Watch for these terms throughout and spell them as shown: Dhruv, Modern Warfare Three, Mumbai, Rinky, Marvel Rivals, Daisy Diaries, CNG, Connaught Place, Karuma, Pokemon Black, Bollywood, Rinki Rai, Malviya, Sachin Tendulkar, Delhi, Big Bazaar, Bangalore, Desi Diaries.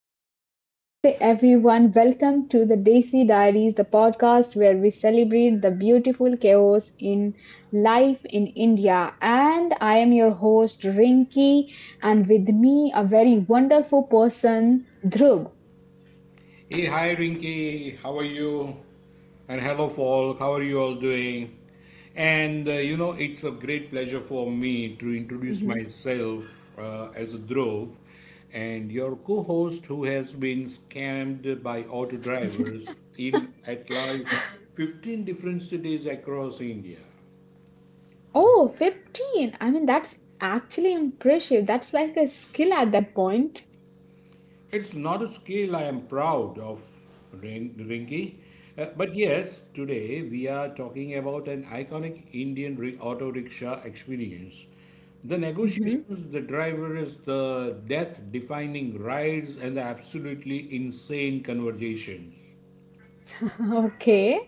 hello, and namaste, everyone. Welcome to the Desi Diaries, the podcast where we celebrate the beautiful chaos in life in India. And I am your host, Rinki, and with me, a very wonderful person, Dhruv. Hey, hi Rinky, how are you? And hello, folk, how are you all doing? It's a great pleasure for me to introduce Mhm. myself as a Dhruv and your co host who has been scammed by auto drivers in at least 15 different cities across India. Oh, 15. That's actually impressive. That's like a skill at that point. It's not a skill I am proud of, Rinki. But yes, today we are talking about an iconic Indian auto rickshaw experience. The negotiations, the drivers, the death defining rides, and the absolutely insane conversations. Okay,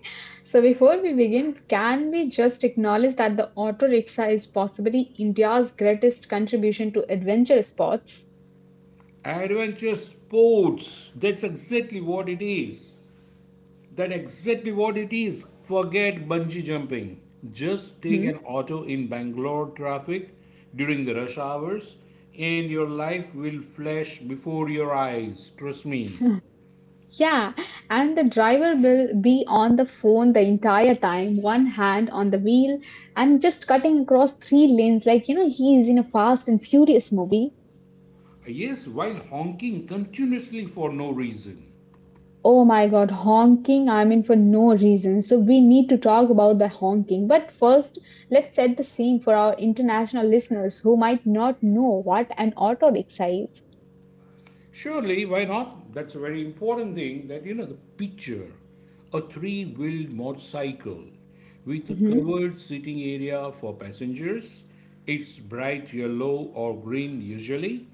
so before we begin, can we just acknowledge that the auto rickshaw is possibly India's greatest contribution to adventure sports? Adventure sports, that's exactly what it is. That's exactly what it is. Forget bungee jumping. Just take Hmm. an auto in Bangalore traffic during the rush hours, and your life will flash before your eyes. Trust me. Yeah, and the driver will be on the phone the entire time, one hand on the wheel, and just cutting across three lanes like he is in a Fast and Furious movie. Yes, while honking continuously for no reason. Oh my God, honking, for no reason. So, we need to talk about the honking. But first, let's set the scene for our international listeners who might not know what an auto rickshaw is. Surely, why not? That's a very important thing that the picture a three wheeled motorcycle with a Mhm. covered sitting area for passengers. It's bright yellow or green usually.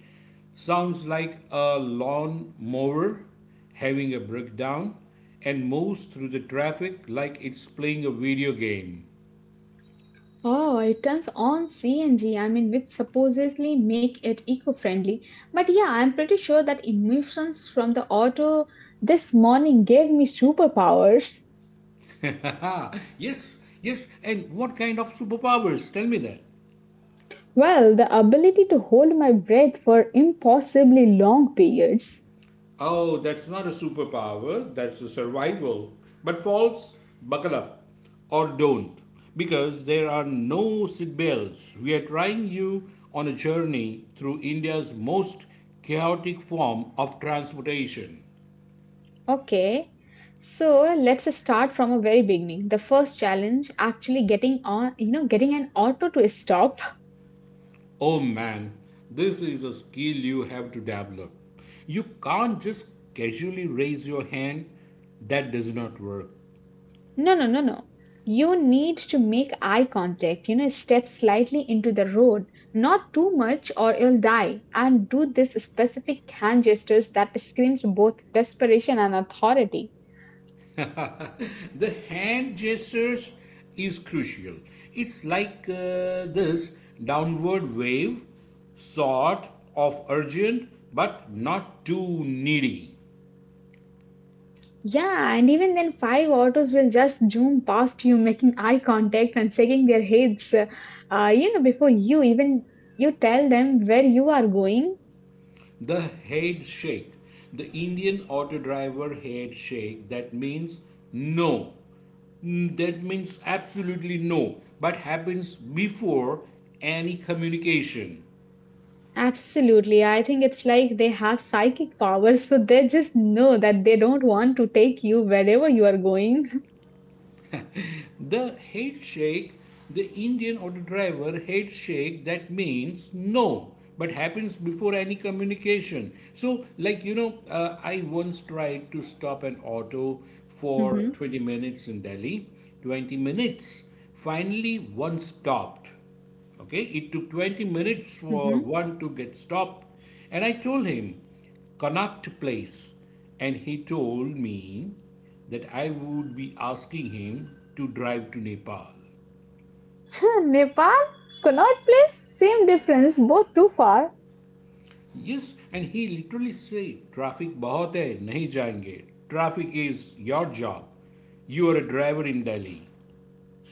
Sounds like a lawn mower having a breakdown and moves through the traffic like it's playing a video game. Oh, it turns on CNG, which supposedly make it eco-friendly. But yeah, I'm pretty sure that emissions from the auto this morning gave me superpowers. Haha, yes, yes, and what kind of superpowers? Tell me that. Well, the ability to hold my breath for impossibly long periods. Oh, that's not a superpower, that's a survival. But false, buckle up or don't because there are no seatbelts. We are trying you on a journey through India's most chaotic form of transportation. Okay, so let's start from a very beginning. The first challenge, actually getting on, getting an auto to stop. Oh man, this is a skill you have to develop. You can't just casually raise your hand. That does not work. No, no, no, no. You need to make eye contact, step slightly into the road, not too much or you'll die, and do this specific hand gestures that screams both desperation and authority. The hand gestures is crucial. It's like This downward wave, sort of urgent but not too Mm-hmm. needy. Yeah, and even then, five autos will just zoom past you, making eye contact and shaking their heads. Before you even you tell them where you are going. The head shake, the Indian auto driver head shake that means no. Mm, that means absolutely no, but happens before any communication. Absolutely, I think it's like they have psychic powers, so they just know that they don't want to take you wherever you are going. The head shake, the Indian or the driver head shake, that means no, but happens before any communication. I once tried to stop an auto for hmm. 20 minutes in Delhi, 20 minutes. Finally, one stopped. Okay, it took 20 minutes for Hmm. one to get stopped, and I told him, Connaught Place. And he told me that I would be asking him to drive to Nepal. Nepal, Connaught Place, same difference, both too far. Yes, and he literally said, Traffic bahut hai, nahi jayenge. Traffic is your job. You are a driver in Delhi.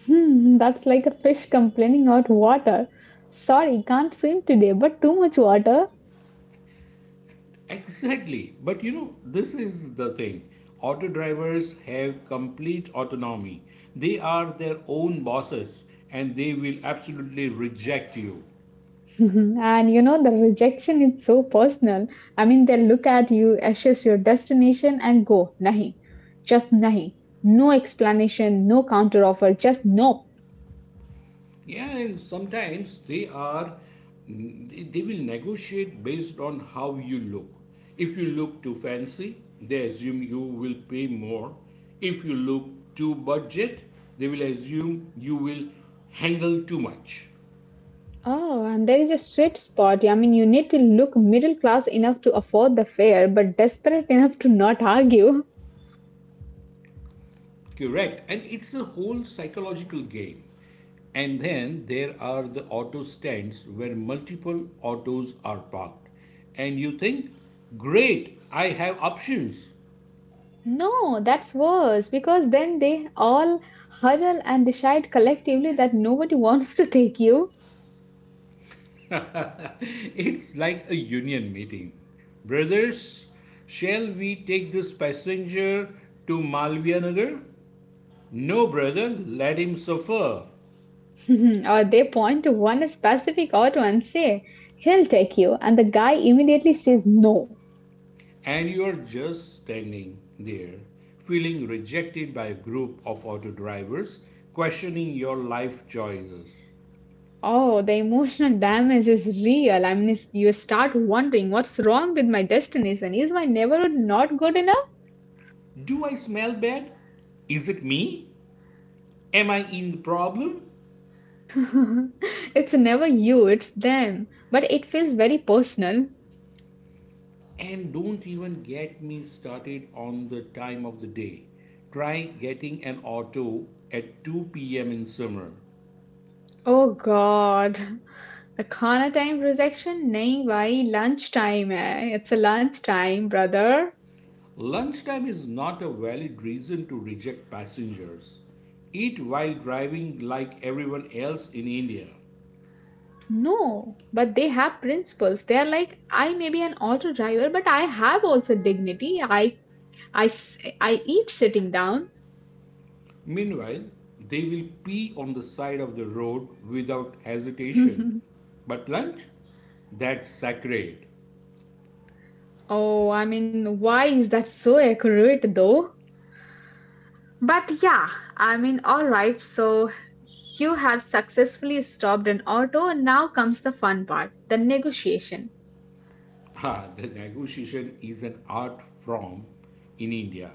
Hmm, that's like a fish complaining about water. Sorry, can't swim today, but too much water. Exactly. But you know, this is the thing. Auto drivers have complete autonomy. They are their own bosses and they will absolutely reject you. Mhm. And the rejection is so personal. I mean, they look at you, assess your destination, and go, nahi, just nahi. No explanation, no counteroffer, just no. Yeah, and sometimes they are they will negotiate based on how you look. If you look too fancy, they assume you will pay more. If you look too budget, they will assume you will haggle too much. Oh, and there is a sweet spot. I mean, you need to look middle class enough to afford the fare, but desperate enough to not argue. Correct. And it's a whole psychological game. And then there are the auto stands where multiple autos are parked. And you think, great, I have options. No, that's worse because then they all huddle and decide collectively that nobody wants to take you. It's like a union meeting. Brothers, shall we take this passenger to Malviya? No, brother, let him suffer. or they point to one specific auto and say, he'll take you. And the guy immediately says no. And you are just standing there, feeling rejected by a group of auto drivers, questioning your life choices. Oh, the emotional damage is real. I mean, you start wondering what's wrong with my destination. Is my neighborhood not good enough? Do I smell bad? Is it me? Am I in the problem? it's never you, it's them. But it feels very personal. And don't even get me started on the time of the day. Try getting an auto at 2 p.m. in summer. Oh God. The khana time projection? Nahi bhai, lunchtime hai. It's a lunchtime, brother. Lunchtime is not a valid reason to reject passengers. Eat while driving like everyone else in India. No, but they have principles. They are like I may be an auto driver, but I have also dignity. I eat sitting down. Meanwhile, they will pee on the side of the road without hesitation. But lunch? That's sacred. oh, I mean, why is that so accurate though? But yeah, I mean, all right. So you have successfully stopped an auto, and now comes the fun part, the negotiation. Ah, the negotiation is an art form in India.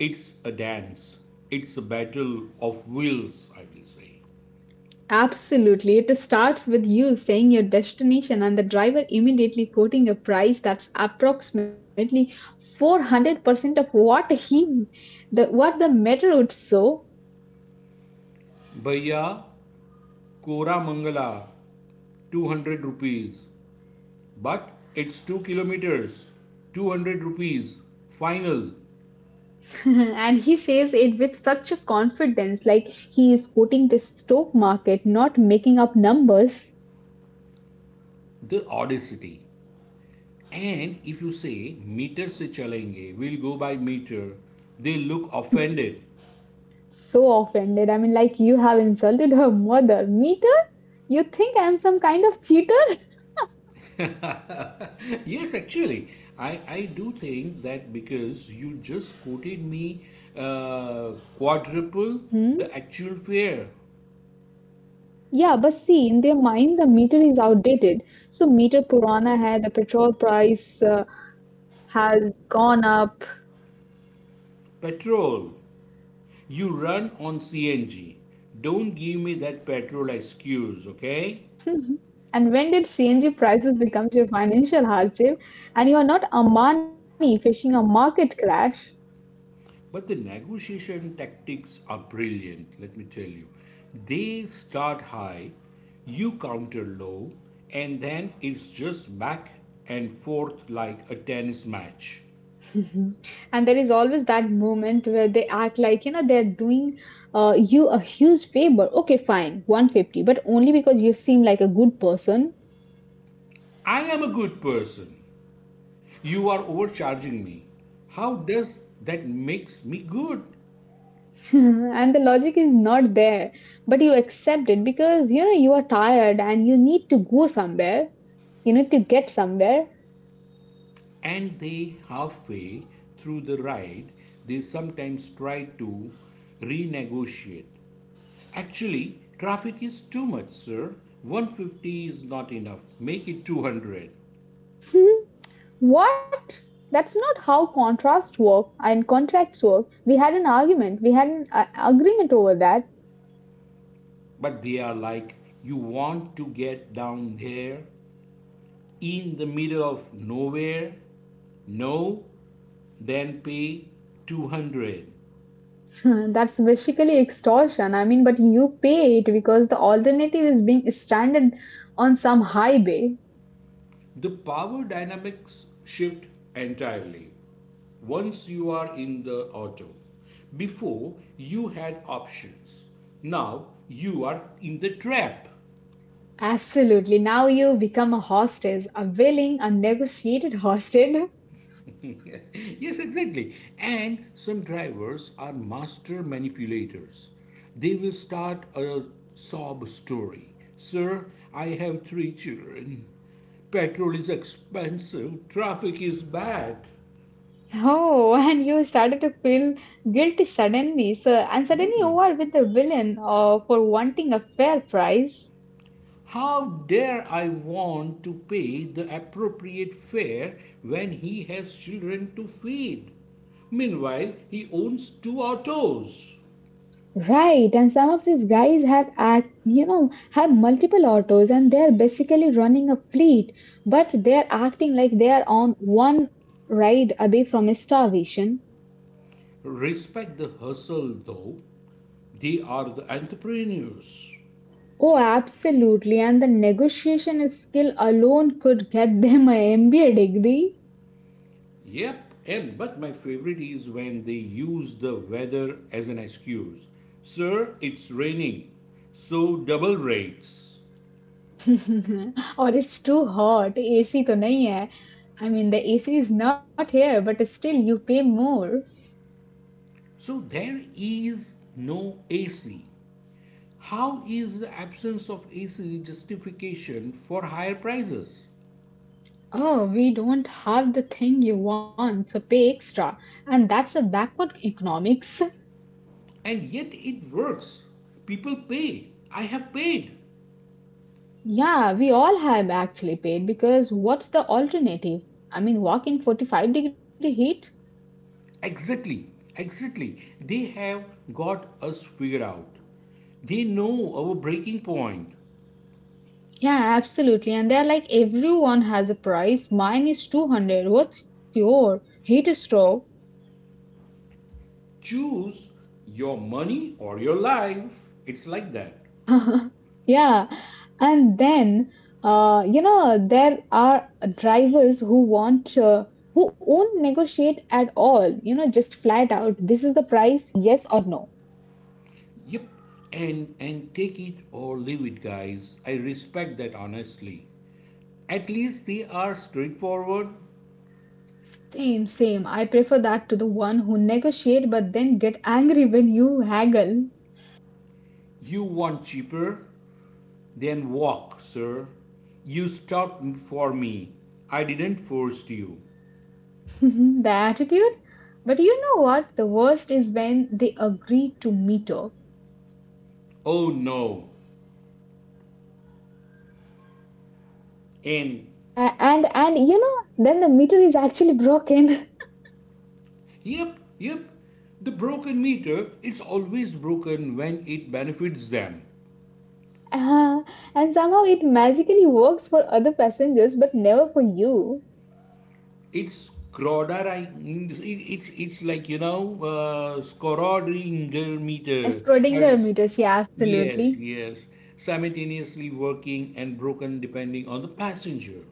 It's a dance. It's a battle of wills, I will say. Absolutely. It starts with you saying your destination and the driver immediately quoting a price that's approximately 400% of what the meter would show. Bhaiya, Kora Mangala, 200 rupees. But it's 2 kilometers, 200 rupees. Final, and he says it with such a confidence like he is quoting the stock market, not making up numbers. the audacity. And if you say meter se chalenge, we'll go by meter, they look offended. So offended. Like you have insulted her mother. Meter? You think I'm some kind of cheater? Yes, actually, I do think that because you just quoted me uh, quadruple the actual fare. Yeah, but see, in their mind, the meter is outdated. So meter Purana hai, the petrol price has gone up. Petrol. You run on CNG. Don't give me that petrol excuse, okay? And when did CNG prices becomes your financial hardship? And you are not Amani facing a market crash. But the negotiation tactics are brilliant, let me tell you. They start high, you counter low, and then it's just back and forth like a tennis match. Mhm. And there is always that moment where they act like, they're doing you a huge favor. Okay, fine, 150, but only because you seem like a good person. I am a good person. You are overcharging me. How does that makes me good? and the logic is not there, but you accept it because you are tired and you need to get somewhere. And they halfway through the ride, they sometimes try to renegotiate. Actually, traffic is too much, sir. 150 is not enough. Make it 200. Hmm, what? That's not how contrast work and contracts work. We had an argument, we had an agreement over that. But they are like, you want to get down there in the middle of nowhere? No, then pay 200. that's basically extortion. I mean, but you pay it because the alternative is being stranded on some highway. The power dynamics shift entirely once you are in the auto. Before you had options. Now you are in the trap. Absolutely. Now you become a hostage, a willing, a negotiated hostage. Yes, exactly. And some drivers are master manipulators. They will start a sob story. Sir, I have 3 children. Petrol is expensive. Traffic is bad. Oh, and you started to feel guilty suddenly, so and suddenly you are with the villain for wanting a fair price. How dare I want to pay the appropriate fare when he has children to feed? Meanwhile, he owns 2 autos. Right, and some of these guys have have multiple autos and they're basically running a fleet, but they're acting like they are on one ride away from starvation. Respect the hustle, though. They are the entrepreneurs. Oh, absolutely, and the negotiation skill alone could get them a MBA degree. Yep, and but my favorite is when they use the weather as an excuse. Sir, it's raining, so double rates. Or it's too hot. AC तो नहीं. I mean, the AC is not here, but still you pay more. So there is no AC. How is the absence of AC justification for higher prices? Oh, we don't have the thing you want, so pay extra. And that's a backward economics. And yet it works. People pay. I have paid. Yeah, we all have actually paid because what's the alternative? I mean, walk in 45-degree heat? Exactly, exactly. They have got us figured out. They know our breaking point. Yeah, absolutely. And they're like, everyone has a price. Mine is 200. What's your heat stroke? Choose your money or your life. It's like that. Yeah, and then there are drivers who want who won't negotiate at all. Just flat out, this is the price, yes or no. Yep. And take it or leave it, guys. I respect that honestly. At least they are straightforward. Same, same. I prefer that to the one who negotiate but then get angry when you haggle. You want cheaper? Then walk, sir. You stopped for me. I didn't force you. The attitude. But you know what? The worst is when they agree to meter. Oh no. And and then the meter is actually broken. yep, yep. The broken meter, it's always broken when it benefits them. Uh, and somehow it magically works for other passengers, but never for you. It's Skrodari, it's like you know Scrodringer meter. I Schrodinger was meters, yeah, yes absolutely. yes Simultaneously working and broken depending on the passenger.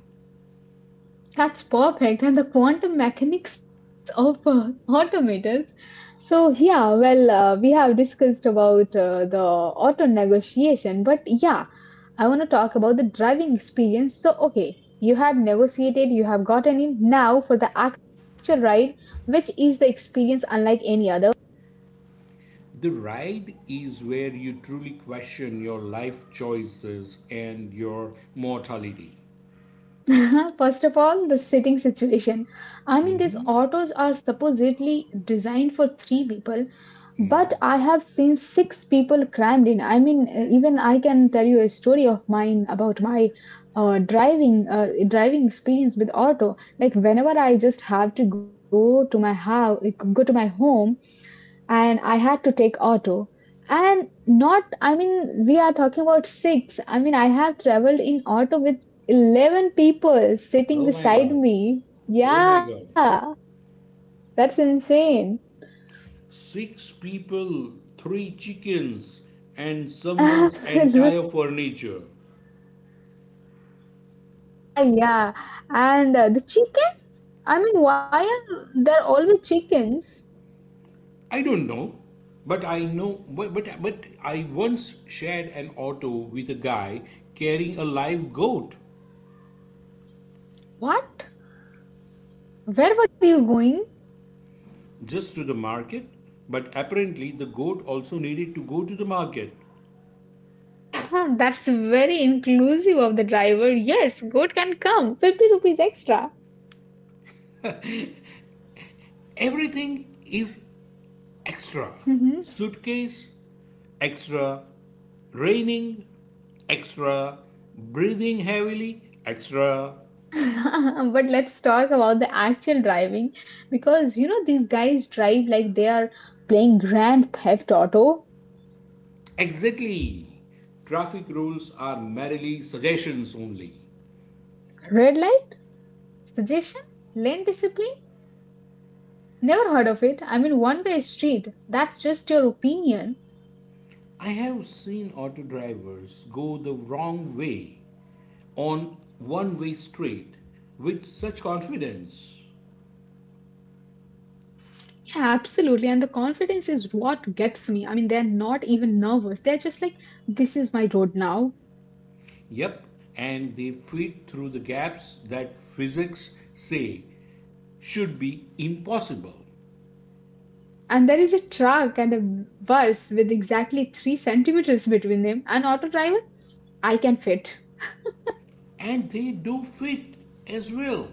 That's perfect. And the quantum mechanics of automators. So, yeah, well, we have discussed about the auto negotiation, but yeah, I want to talk about the driving experience. So, okay, you have negotiated, you have gotten in. Now, for the actual ride, which is the experience unlike any other? The ride is where you truly question your life choices and your mortality. First of all, the sitting situation. I mean, these autos are supposedly designed for three people, but I have seen six people crammed in. I mean, even I can tell you a story of mine about my driving experience with auto. Like whenever I just have to go to my home, and I had to take auto. And not, I mean, we are talking about six. I mean, I have traveled in auto with 11 people sitting Oh my beside god! me. Oh my god! Yeah, that's insane. Six people, 3 chickens, and someone's Absolutely. entire furniture. Yeah, yeah. And the chickens? I mean, why are there always chickens? I don't know, but I once shared an auto with a guy carrying a live goat What? Where were you going? just to the market, but apparently the goat also needed to go to the market. That's very inclusive of the driver. Yes, goat can come. 50 rupees extra. Everything is extra. Suitcase, extra. Raining, extra. Breathing heavily, extra. but let's talk about the actual driving because these guys drive like they are playing Grand Theft Auto. Exactly. Traffic rules are merely suggestions only. Red light, suggestion, lane discipline. Never heard of it. I mean, one way street. That's just your opinion. I have seen auto drivers go the wrong way on one way street with such confidence. Yeah, absolutely. And the confidence is what gets me. I mean, they're not even nervous. They're just like, this is my road now. Yep, and they fit through the gaps that physics say should be impossible. And there is a truck and a bus with exactly three centimeters between them. An auto driver, I can fit. And they do fit as well,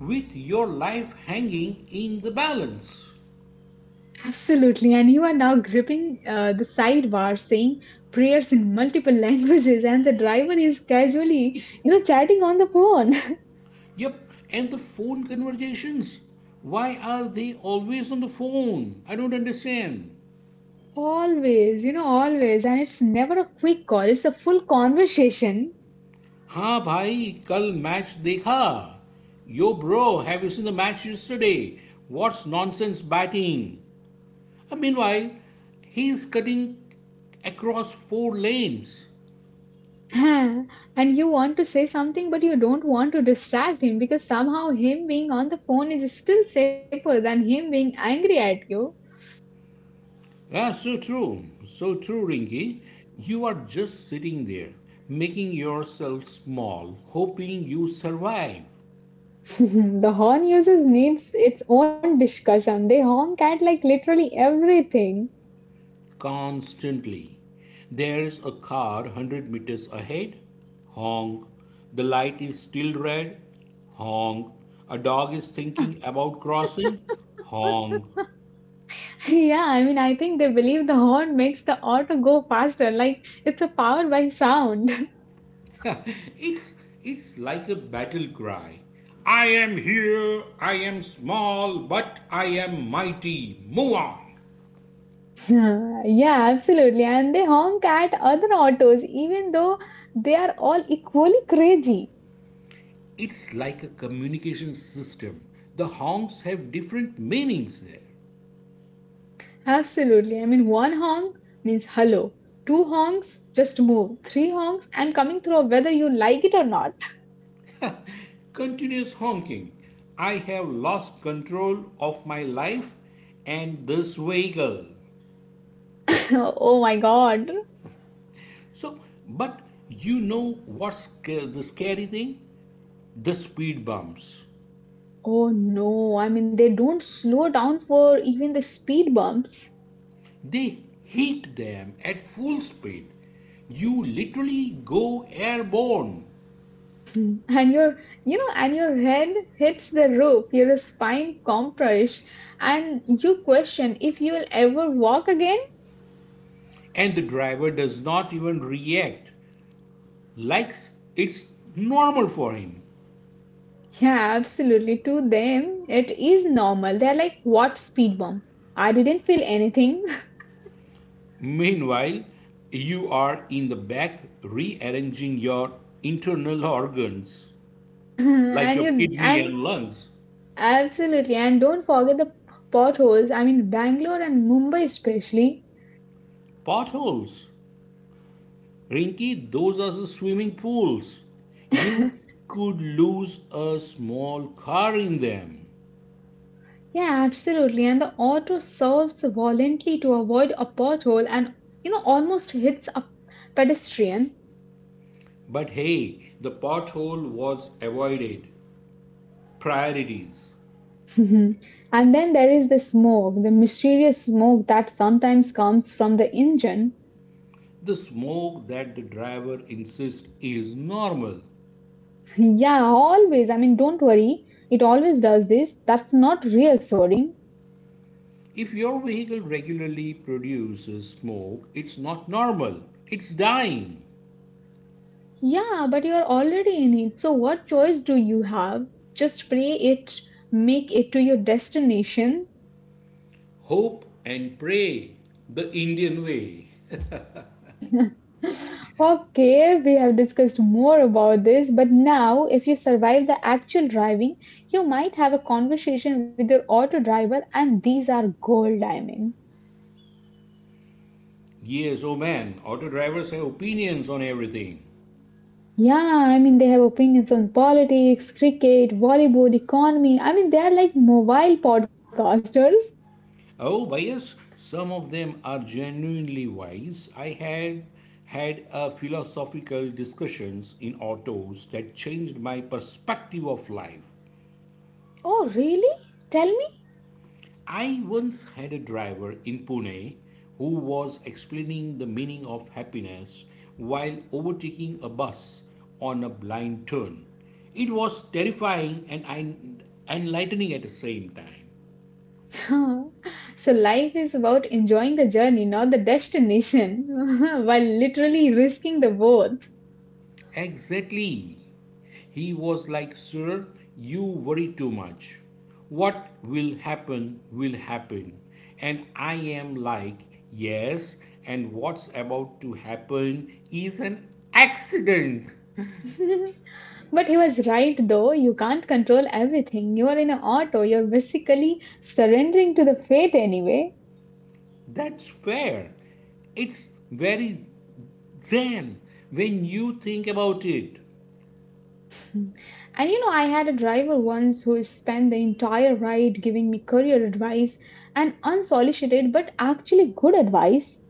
with your life hanging in the balance. Absolutely. And you are now gripping the sidebar saying prayers in multiple languages, and the driver is casually, chatting on the phone. Yep, and the phone conversations. Why are they always on the phone? I don't understand. Always, always. And it's never a quick call, it's a full conversation. हाँ भाई कल match देखा, yo bro have you seen the match yesterday, what's nonsense batting. Meanwhile he is cutting across 4 lanes. Huh. And you want to say something, but you don't want to distract him because somehow him being on the phone is still safer than him being angry at you. Ah, so true, so true Rinky. You are just sitting there making yourself small, hoping you survive. the horn users needs its own discussion. They honk at like literally everything. Constantly. There's a car 100 meters ahead. Honk. The light is still red. Honk. A dog is thinking about crossing. Honk. Yeah, I mean, I think they believe the horn makes the auto go faster, like it's a power by sound. It's it's like a battle cry. I am here. I am small, but I am mighty. Move on. Yeah, absolutely. And they honk at other autos, even though they are all equally crazy. It's like a communication system. The honks have different meanings there. Absolutely. I mean, one honk means hello, two honks, just move, three honks, I'm coming through whether you like it or not. Continuous honking. I have lost control of my life and this vehicle. Oh my God. So, but you know what's the scary thing? The speed bumps. Oh no, I mean, they don't slow down for even the speed bumps. They hit them at full speed. You literally go airborne, Mm. and your and your head hits the roof, your spine compress, and you question if you will ever walk again. and the driver does not even react, like it's normal for him. Yeah, absolutely, to them it is normal. They're like, what speed bump? I didn't feel anything. Meanwhile, you are in the back rearranging your internal organs, like and your you kidney and and lungs. absolutely, and don't forget the potholes. I mean, Bangalore and Mumbai especially. Potholes. Rinky, those are the swimming pools. You could lose a small car in them. Yeah, absolutely. And the auto swerves violently to avoid a pothole and almost hits a pedestrian. But hey, the pothole was avoided. Priorities. Mhm. And then there is the smoke, the mysterious smoke that sometimes comes from the engine. The smoke that the driver insists is normal. Yeah, always. I mean, don't worry. It always does this. That's not reassuring. If your vehicle regularly produces smoke, it's not normal. It's dying. Yeah, but you're already in it. So what choice do you have? Just pray make it to your destination. Hope and pray. The Indian way. Okay, we have discussed more about this, but now if you survive the actual driving, you might have a conversation with your auto driver, and these are gold diamonds. Yes, oh man, auto drivers have opinions on everything. Yeah, they have opinions on politics, cricket, Bollywood, economy. They're like mobile podcasters. Oh, bias. Some of them are genuinely wise. I had had a philosophical discussions in autos that changed my perspective of life. Oh, really? Tell me. I once had a driver in Pune who was explaining the meaning of happiness while overtaking a bus on a blind turn. It was terrifying and enlightening at the same time. So, life is about enjoying the journey, not the destination, while literally risking the both. Exactly. He was like, Sir, you worry too much. What will happen will happen. And I am like, Yes, and what's about to happen is an accident. But he was right, though. You can't control everything. You are in an auto, you're basically surrendering to the fate anyway. That's fair. It's very zen when you think about it. Mm. And you know, I had a driver once who spent the entire ride giving me career advice and unsolicited, but actually good advice.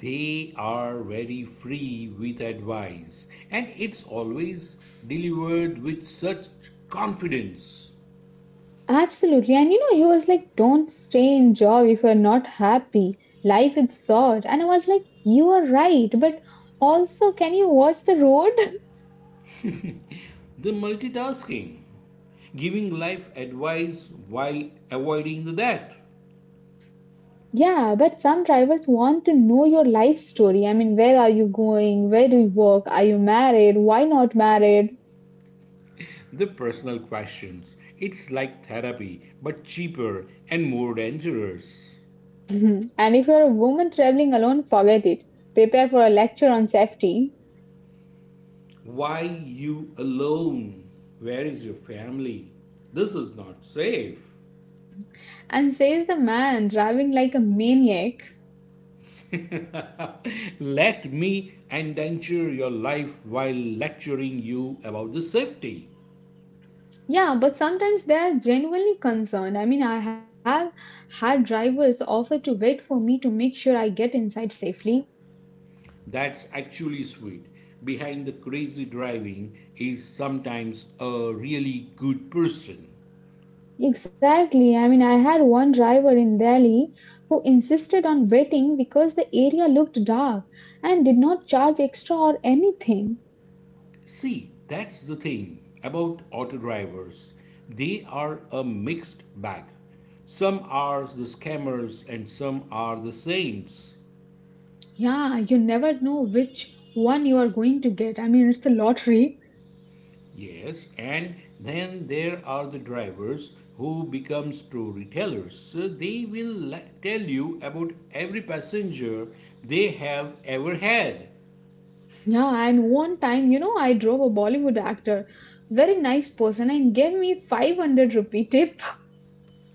They are very free with advice, and it's always delivered with such confidence. Absolutely. And you know, he was like, don't stay in job if you're not happy. Life is short. And I was like, you are right, but also, can you watch the road? The multitasking, giving life advice while avoiding that. Yeah, but some drivers want to know your life story. Where are you going? Where do you work? Are you married? Why not married? The personal questions. It's like therapy, but cheaper and more dangerous. Mhm. And if you're a woman traveling alone, forget it. Prepare for a lecture on safety. Why you alone? Where is your family? This is not safe. And says the man driving like a maniac. Let me endanger your life while lecturing you about the safety. Yeah, but sometimes they are genuinely concerned. I have had drivers offer to wait for me to make sure I get inside safely. That's actually sweet. Behind the crazy driving is sometimes a really good person. Exactly. I had one driver in Delhi who insisted on waiting because the area looked dark and did not charge extra or anything. See, that's the thing about auto drivers. They are a mixed bag. Some are the scammers and some are the saints. Yeah, you never know which one you are going to get. It's the lottery. Yes, and then there are the drivers who become storytellers. So they will tell you about every passenger they have ever had. Yeah, and one time, I drove a Bollywood actor, very nice person, and gave me 500 rupee tip.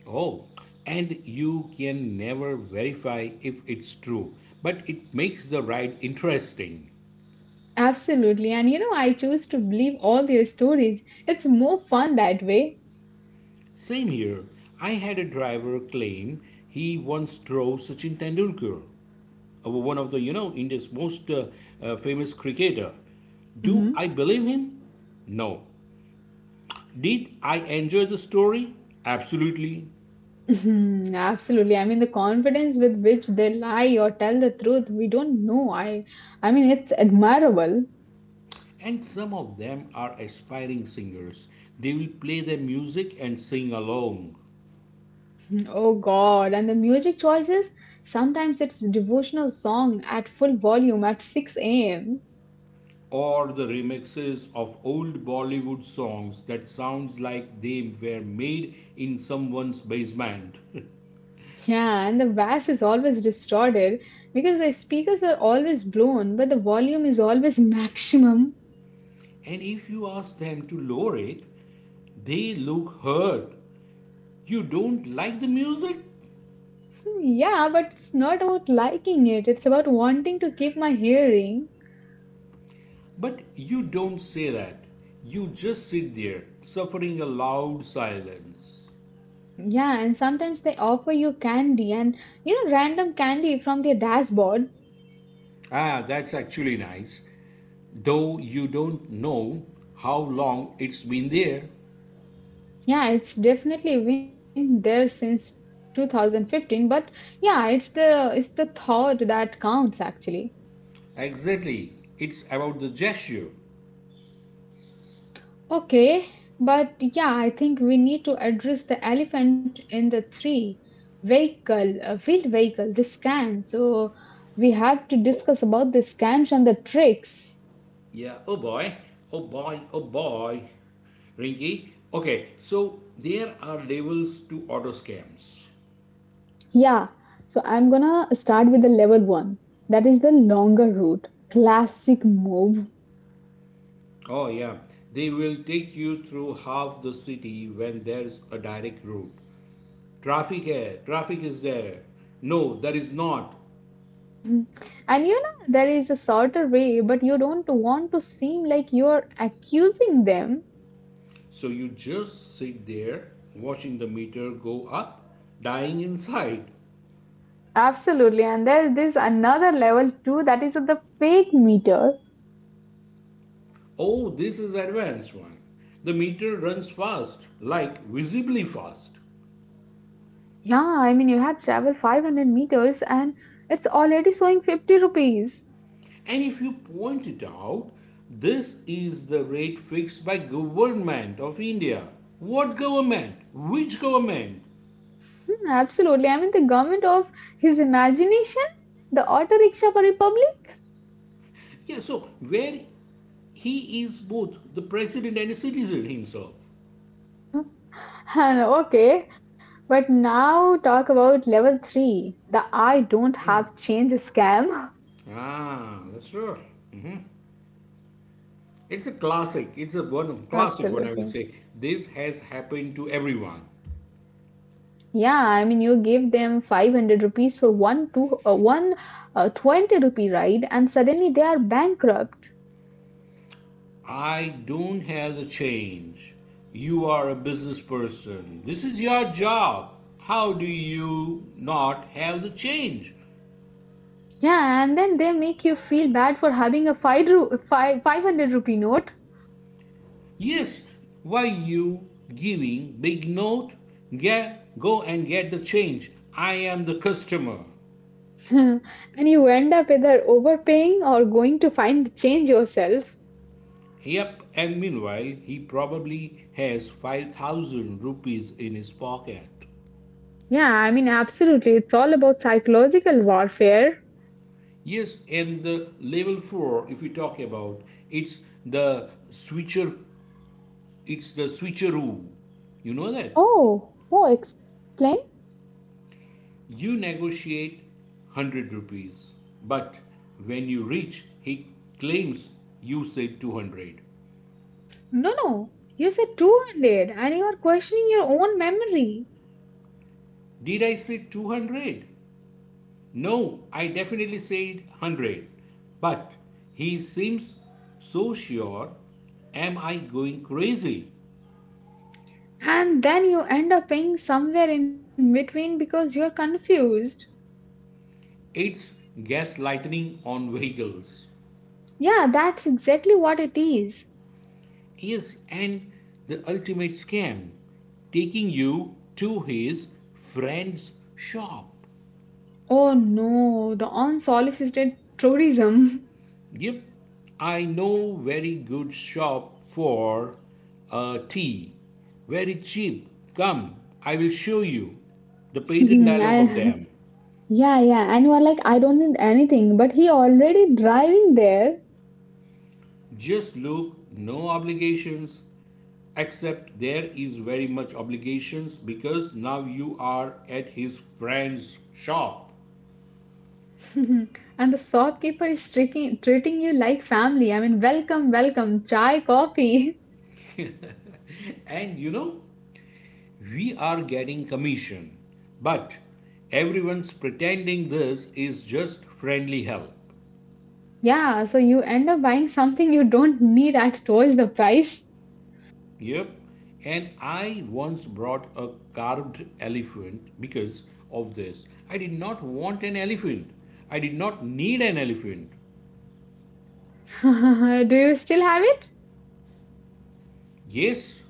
Oh, and you can never verify if it's true, but it makes the ride interesting. Absolutely. And I choose to believe all their stories. It's more fun that way. Same here. I had a driver claim he once drove Sachin Tendulkar. One of the India's most famous cricketer. Do Hmm. I believe him? No. Did I enjoy the story? Absolutely. Mhm. Absolutely. The confidence with which they lie or tell the truth, we don't know. I mean, it's admirable. And some of them are aspiring singers. They will play their music and sing along, Oh God, and the music choices? Sometimes it's devotional song at full volume at 6 a.m. or the remixes of old Bollywood songs that sounds like they were made in someone's basement. Yeah, and the bass is always distorted because the speakers are always blown, but the volume is always maximum. And if you ask them to lower it, they look hurt. You don't like the music? Yeah, but it's not about liking it, it's about wanting to keep my hearing. But you don't say that. You just sit there, suffering a loud silence. Yeah, and sometimes they offer you candy and random candy from their dashboard. Ah, that's actually nice, though you don't know how long it's been there. Yeah, it's definitely been there since 2015, but yeah, it's the thought that counts actually. Exactly, it's about the gesture. Okay, but yeah, I think we need to address the elephant in the three vehicle, field vehicle, the scam. So we have to Oh, discuss about the scams and the tricks. yeah, oh boy, oh boy, oh boy. Rinky, okay, so there are levels to auto scams. Yeah, so I'm gonna start with the level one. That is the longer route. Classic move. Oh, yeah, they will take you through half the city when there's a direct route. Traffic है, traffic is there. No, there is not. Mhm. And you know, there is a shorter way, but you don't want to seem like you're accusing them. So you just sit there watching the meter go up, dying inside. Absolutely. And there's this another level too that is the fake meter. Oh, this is advanced one. The meter runs fast, like visibly fast. Yeah, you have traveled 500 meters and it's already showing 50 rupees. And if you point it out, this is the rate fixed by government of India. What government? Which government? Hmm, absolutely. The government of his imagination, the auto rickshaw republic. Yeah, so where he is both the president and a citizen himself. And okay, but now talk about level three, the I don't have change scam. Ah, that's true. It's a classic. It's a one of classic one. I will say Absolutely. this has happened to everyone. Yeah, you give them 500 rupees for one two one 20 rupee ride, and suddenly they are bankrupt. I don't have the change. You are a business person. This is your job. How do you not have the change? Yeah, and then they make you feel bad for having a five ru five 500 rupee note. Yes. Why you giving big note? Get go and get the change. I am the customer. And you end up either overpaying or going to find change yourself. Yep, and meanwhile, he probably has 5,000 rupees in his pocket. Yeah, absolutely, it's all about psychological warfare. Yes, and the level four, if we talk about, it's the switcher, it's the switcheroo. You know that Oh, oh, explain. you negotiate 100 rupees, but when you reach, he claims you said 200. No, no, you said 200, and you are questioning your own memory. Did I say 200? No, I definitely said 100. But he seems so sure. Am I going crazy? And then you end up paying somewhere in between because you're confused. It's gaslighting on vehicles. Yeah, that's exactly what it is. Yes, and the ultimate scam taking you to his friend's shop. Oh no, the unsolicited tourism. Yep, I know very good shop for tea. Very cheap. Come, I will show you. The patent dialogue of I- them. yeah, yeah, and you are like, I don't need anything, but he already driving there. Just look, no obligations, except there is very much obligations because now you are at his friend's shop. And the shopkeeper is treating you like family. Welcome, welcome, chai, coffee. And you know, we are getting commission, but everyone's pretending this is just friendly help. Yeah, so you end up buying something you don't need at twice the price. Yep. And I once brought a carved elephant because of this. I did not want an elephant. I did not need an elephant. Do you still have it? Yes,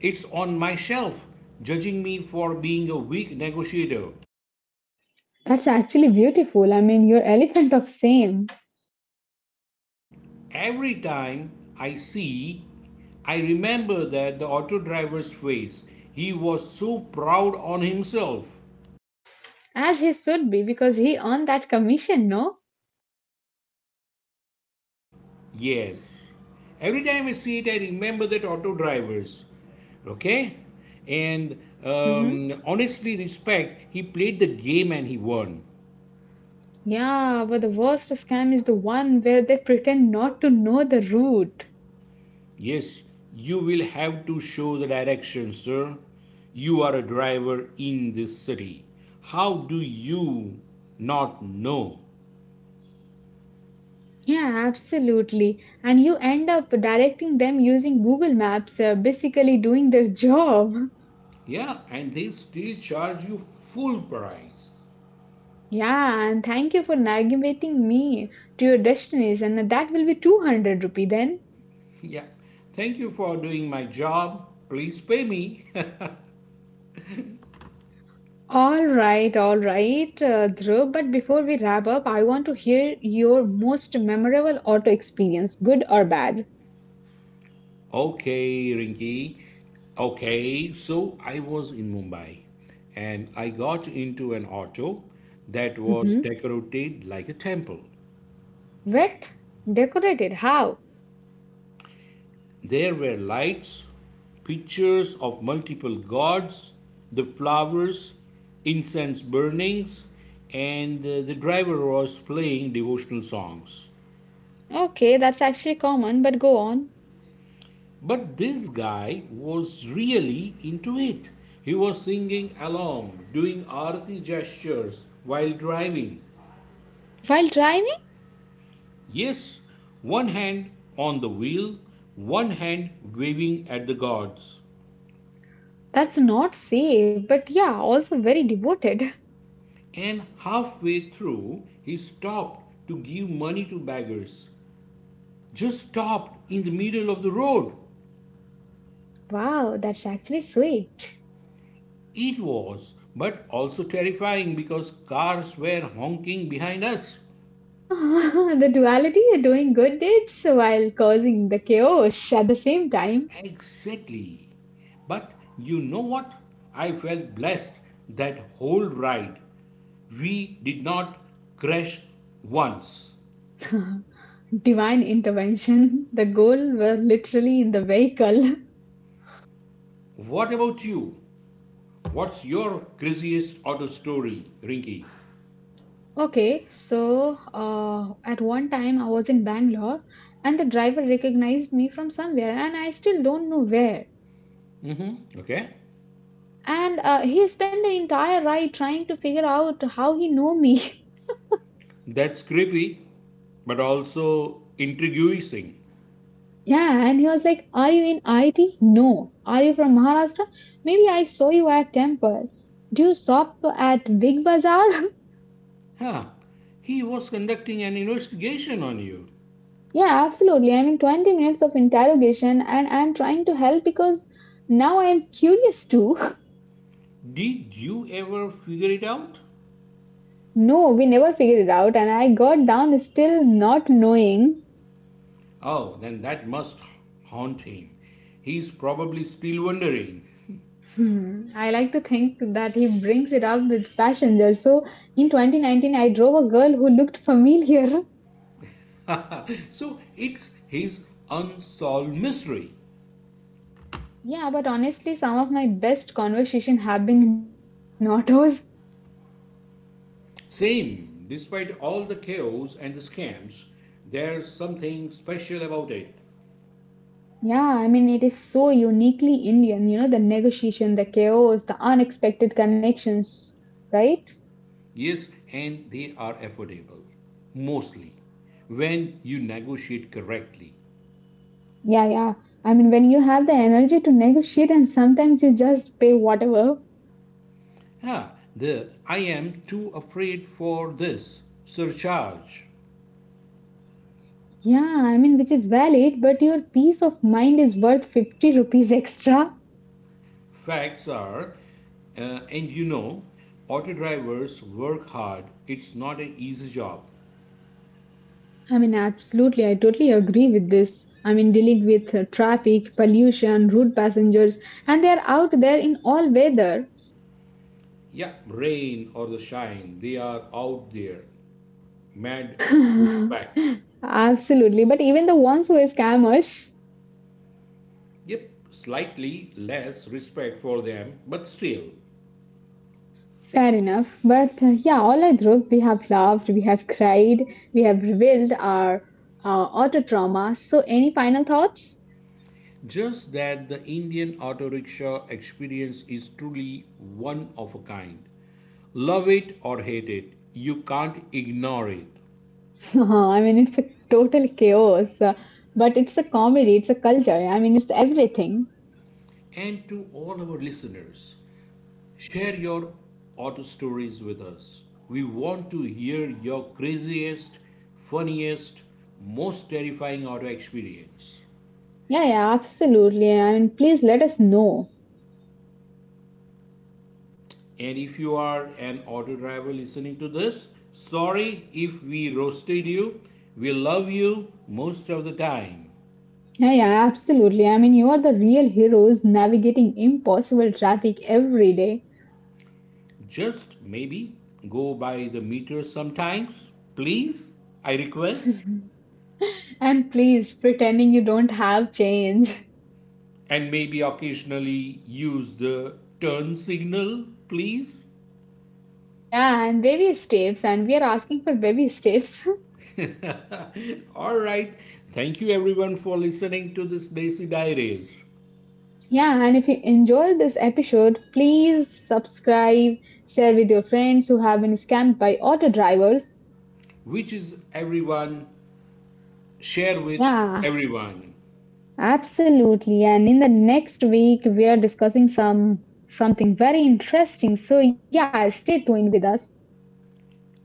it's on my shelf, judging me for being a weak negotiator. That's actually beautiful. You're elephant of same. Every time I see, I remember that the auto driver's face. He was so proud on himself. As he should be, because he earned that commission, no? Yes. Every time I see it, I remember that auto drivers. Okay? And Hmm. Honestly, respect, he played the game and he won. Yeah, but the worst scam is the one where they pretend not to know the route. Yes, you will have to show the direction, sir. You are a driver in this city. How do you not know? Yeah, absolutely. And you end up directing them using Google Maps, basically doing their job. Yeah, and they still charge you full price. Yeah, and thank you for navigating me to your destination. That will be 200 rupee then. Yeah. Thank you for doing my job. Please pay me. All right, Dhruv. But before we wrap up, I want to hear your most memorable auto experience, good or bad. Okay, Rinky. Okay, so I was in Mumbai and I got into an auto that was Hmm. decorated like a temple. Wet, decorated. How? There were lights, pictures of multiple gods, the flowers, incense burnings, and the driver was playing devotional songs. Okay, that's actually common, but go on. But this guy was really into it. He was singing along, doing arati gestures while driving. While driving? Yes, one hand on the wheel, one hand waving at the gods. That's not safe, but yeah, also very devoted. And halfway through, he stopped to give money to beggars. Just stopped in the middle of the road. Wow, that's actually sweet. It was, but also terrifying because cars were honking behind us. The duality, doing good deeds while causing the chaos at the same time. Exactly. But you know what? I felt blessed that whole ride. We did not crash once. Divine intervention. The goal were literally in the vehicle. What about you? What's your craziest auto story, Rinky? Okay, so at one time I was in Bangalore and the driver recognized me from somewhere and I still don't know where. Okay? And he spent the entire ride trying to figure out how he know me. That's creepy, but also intriguing. Yeah, and he was like, "Are you in IT? No. Are you from Maharashtra? Maybe I saw you at temple. Do you shop at Big Bazaar?" Huh. He was conducting an investigation on you. Yeah, absolutely. 20 minutes of interrogation, and I'm trying to help because now I am curious too. Did you ever figure it out? No, we never figured it out, and I got down still not knowing. Oh, then that must haunt him. He's probably still wondering. Hmm. I like to think that he brings it up with passenger. So in 2019, I drove a girl who looked familiar. So it's his unsolved mystery. Yeah, but honestly, some of my best conversation have been in autos. Same, despite all the chaos and the scams, there's something special about it. Yeah, it is so uniquely Indian, you know, the negotiation, the chaos, the unexpected connections, right? Yes, and they are affordable. Mostly. When you negotiate correctly. Yeah, yeah. When you have the energy to negotiate and sometimes you just pay whatever. Ah, the I am too afraid for this surcharge. Yeah, which is valid, but your peace of mind is worth 50 rupees extra. Facts are, and you know, auto drivers work hard. It's not an easy job. Absolutely, I totally agree with this. Dealing with traffic, pollution, rude passengers, and they are out there in all weather. Yeah, rain or the shine, they are out there. Mad respect. Absolutely, but even the ones who are scammers. Yep, slightly less respect for them, but still. Fair enough. But yeah, all I through, we have laughed, we have cried, we have revealed our auto trauma. So, any final thoughts? Just that the Indian auto rickshaw experience is truly one of a kind. Love it or hate it, you can't ignore it. It's a total chaos, but it's a comedy, it's a culture. It's everything. And to all our listeners, share your auto stories with us. We want to hear your craziest, funniest, most terrifying auto experience. Yeah, yeah, absolutely. Please let us know. And if you are an auto driver listening to this, sorry if we roasted you. We love you most of the time. Yeah, yeah, absolutely. You are the real heroes navigating impossible traffic every day. Just maybe go by the meter sometimes, please. I request. And please, pretending you don't have change. And maybe occasionally use the turn signal, please. Yeah, and baby steps, and we are asking for baby steps. All right. Thank you everyone for listening to this Daisy Diaries, Yeah, and if you enjoyed this episode, please subscribe, share with your friends who have been scammed by auto drivers. which is everyone, share with Yeah, everyone. absolutely. And in the next week, we are discussing something very interesting. So yeah, stay tuned with us.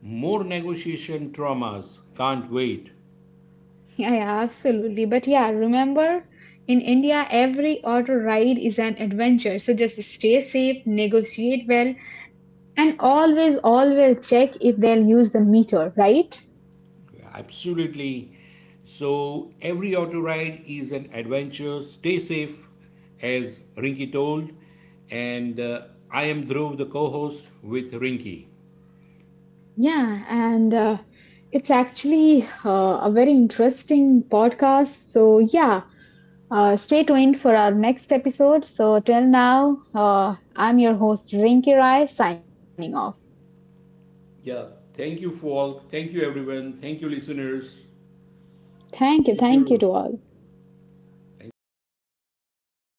More negotiation traumas. Can't wait. Yeah, yeah, absolutely. But yeah, remember in India, every auto ride is an adventure. So just stay safe, negotiate well, and always, always check if they'll use the meter, right? Absolutely. So every auto ride is an adventure. Stay safe, as Rinky told, and I am Dhruv, the co-host with Rinky. Yeah, and it's actually a very interesting podcast. So yeah, stay tuned for our next episode. So till now, I'm your host, Rinki Rai, signing off. Yeah. Thank you, Falk. Thank you, everyone. Thank you, listeners. Thank Thank you, you to Ru. all. Thank you, Rinky.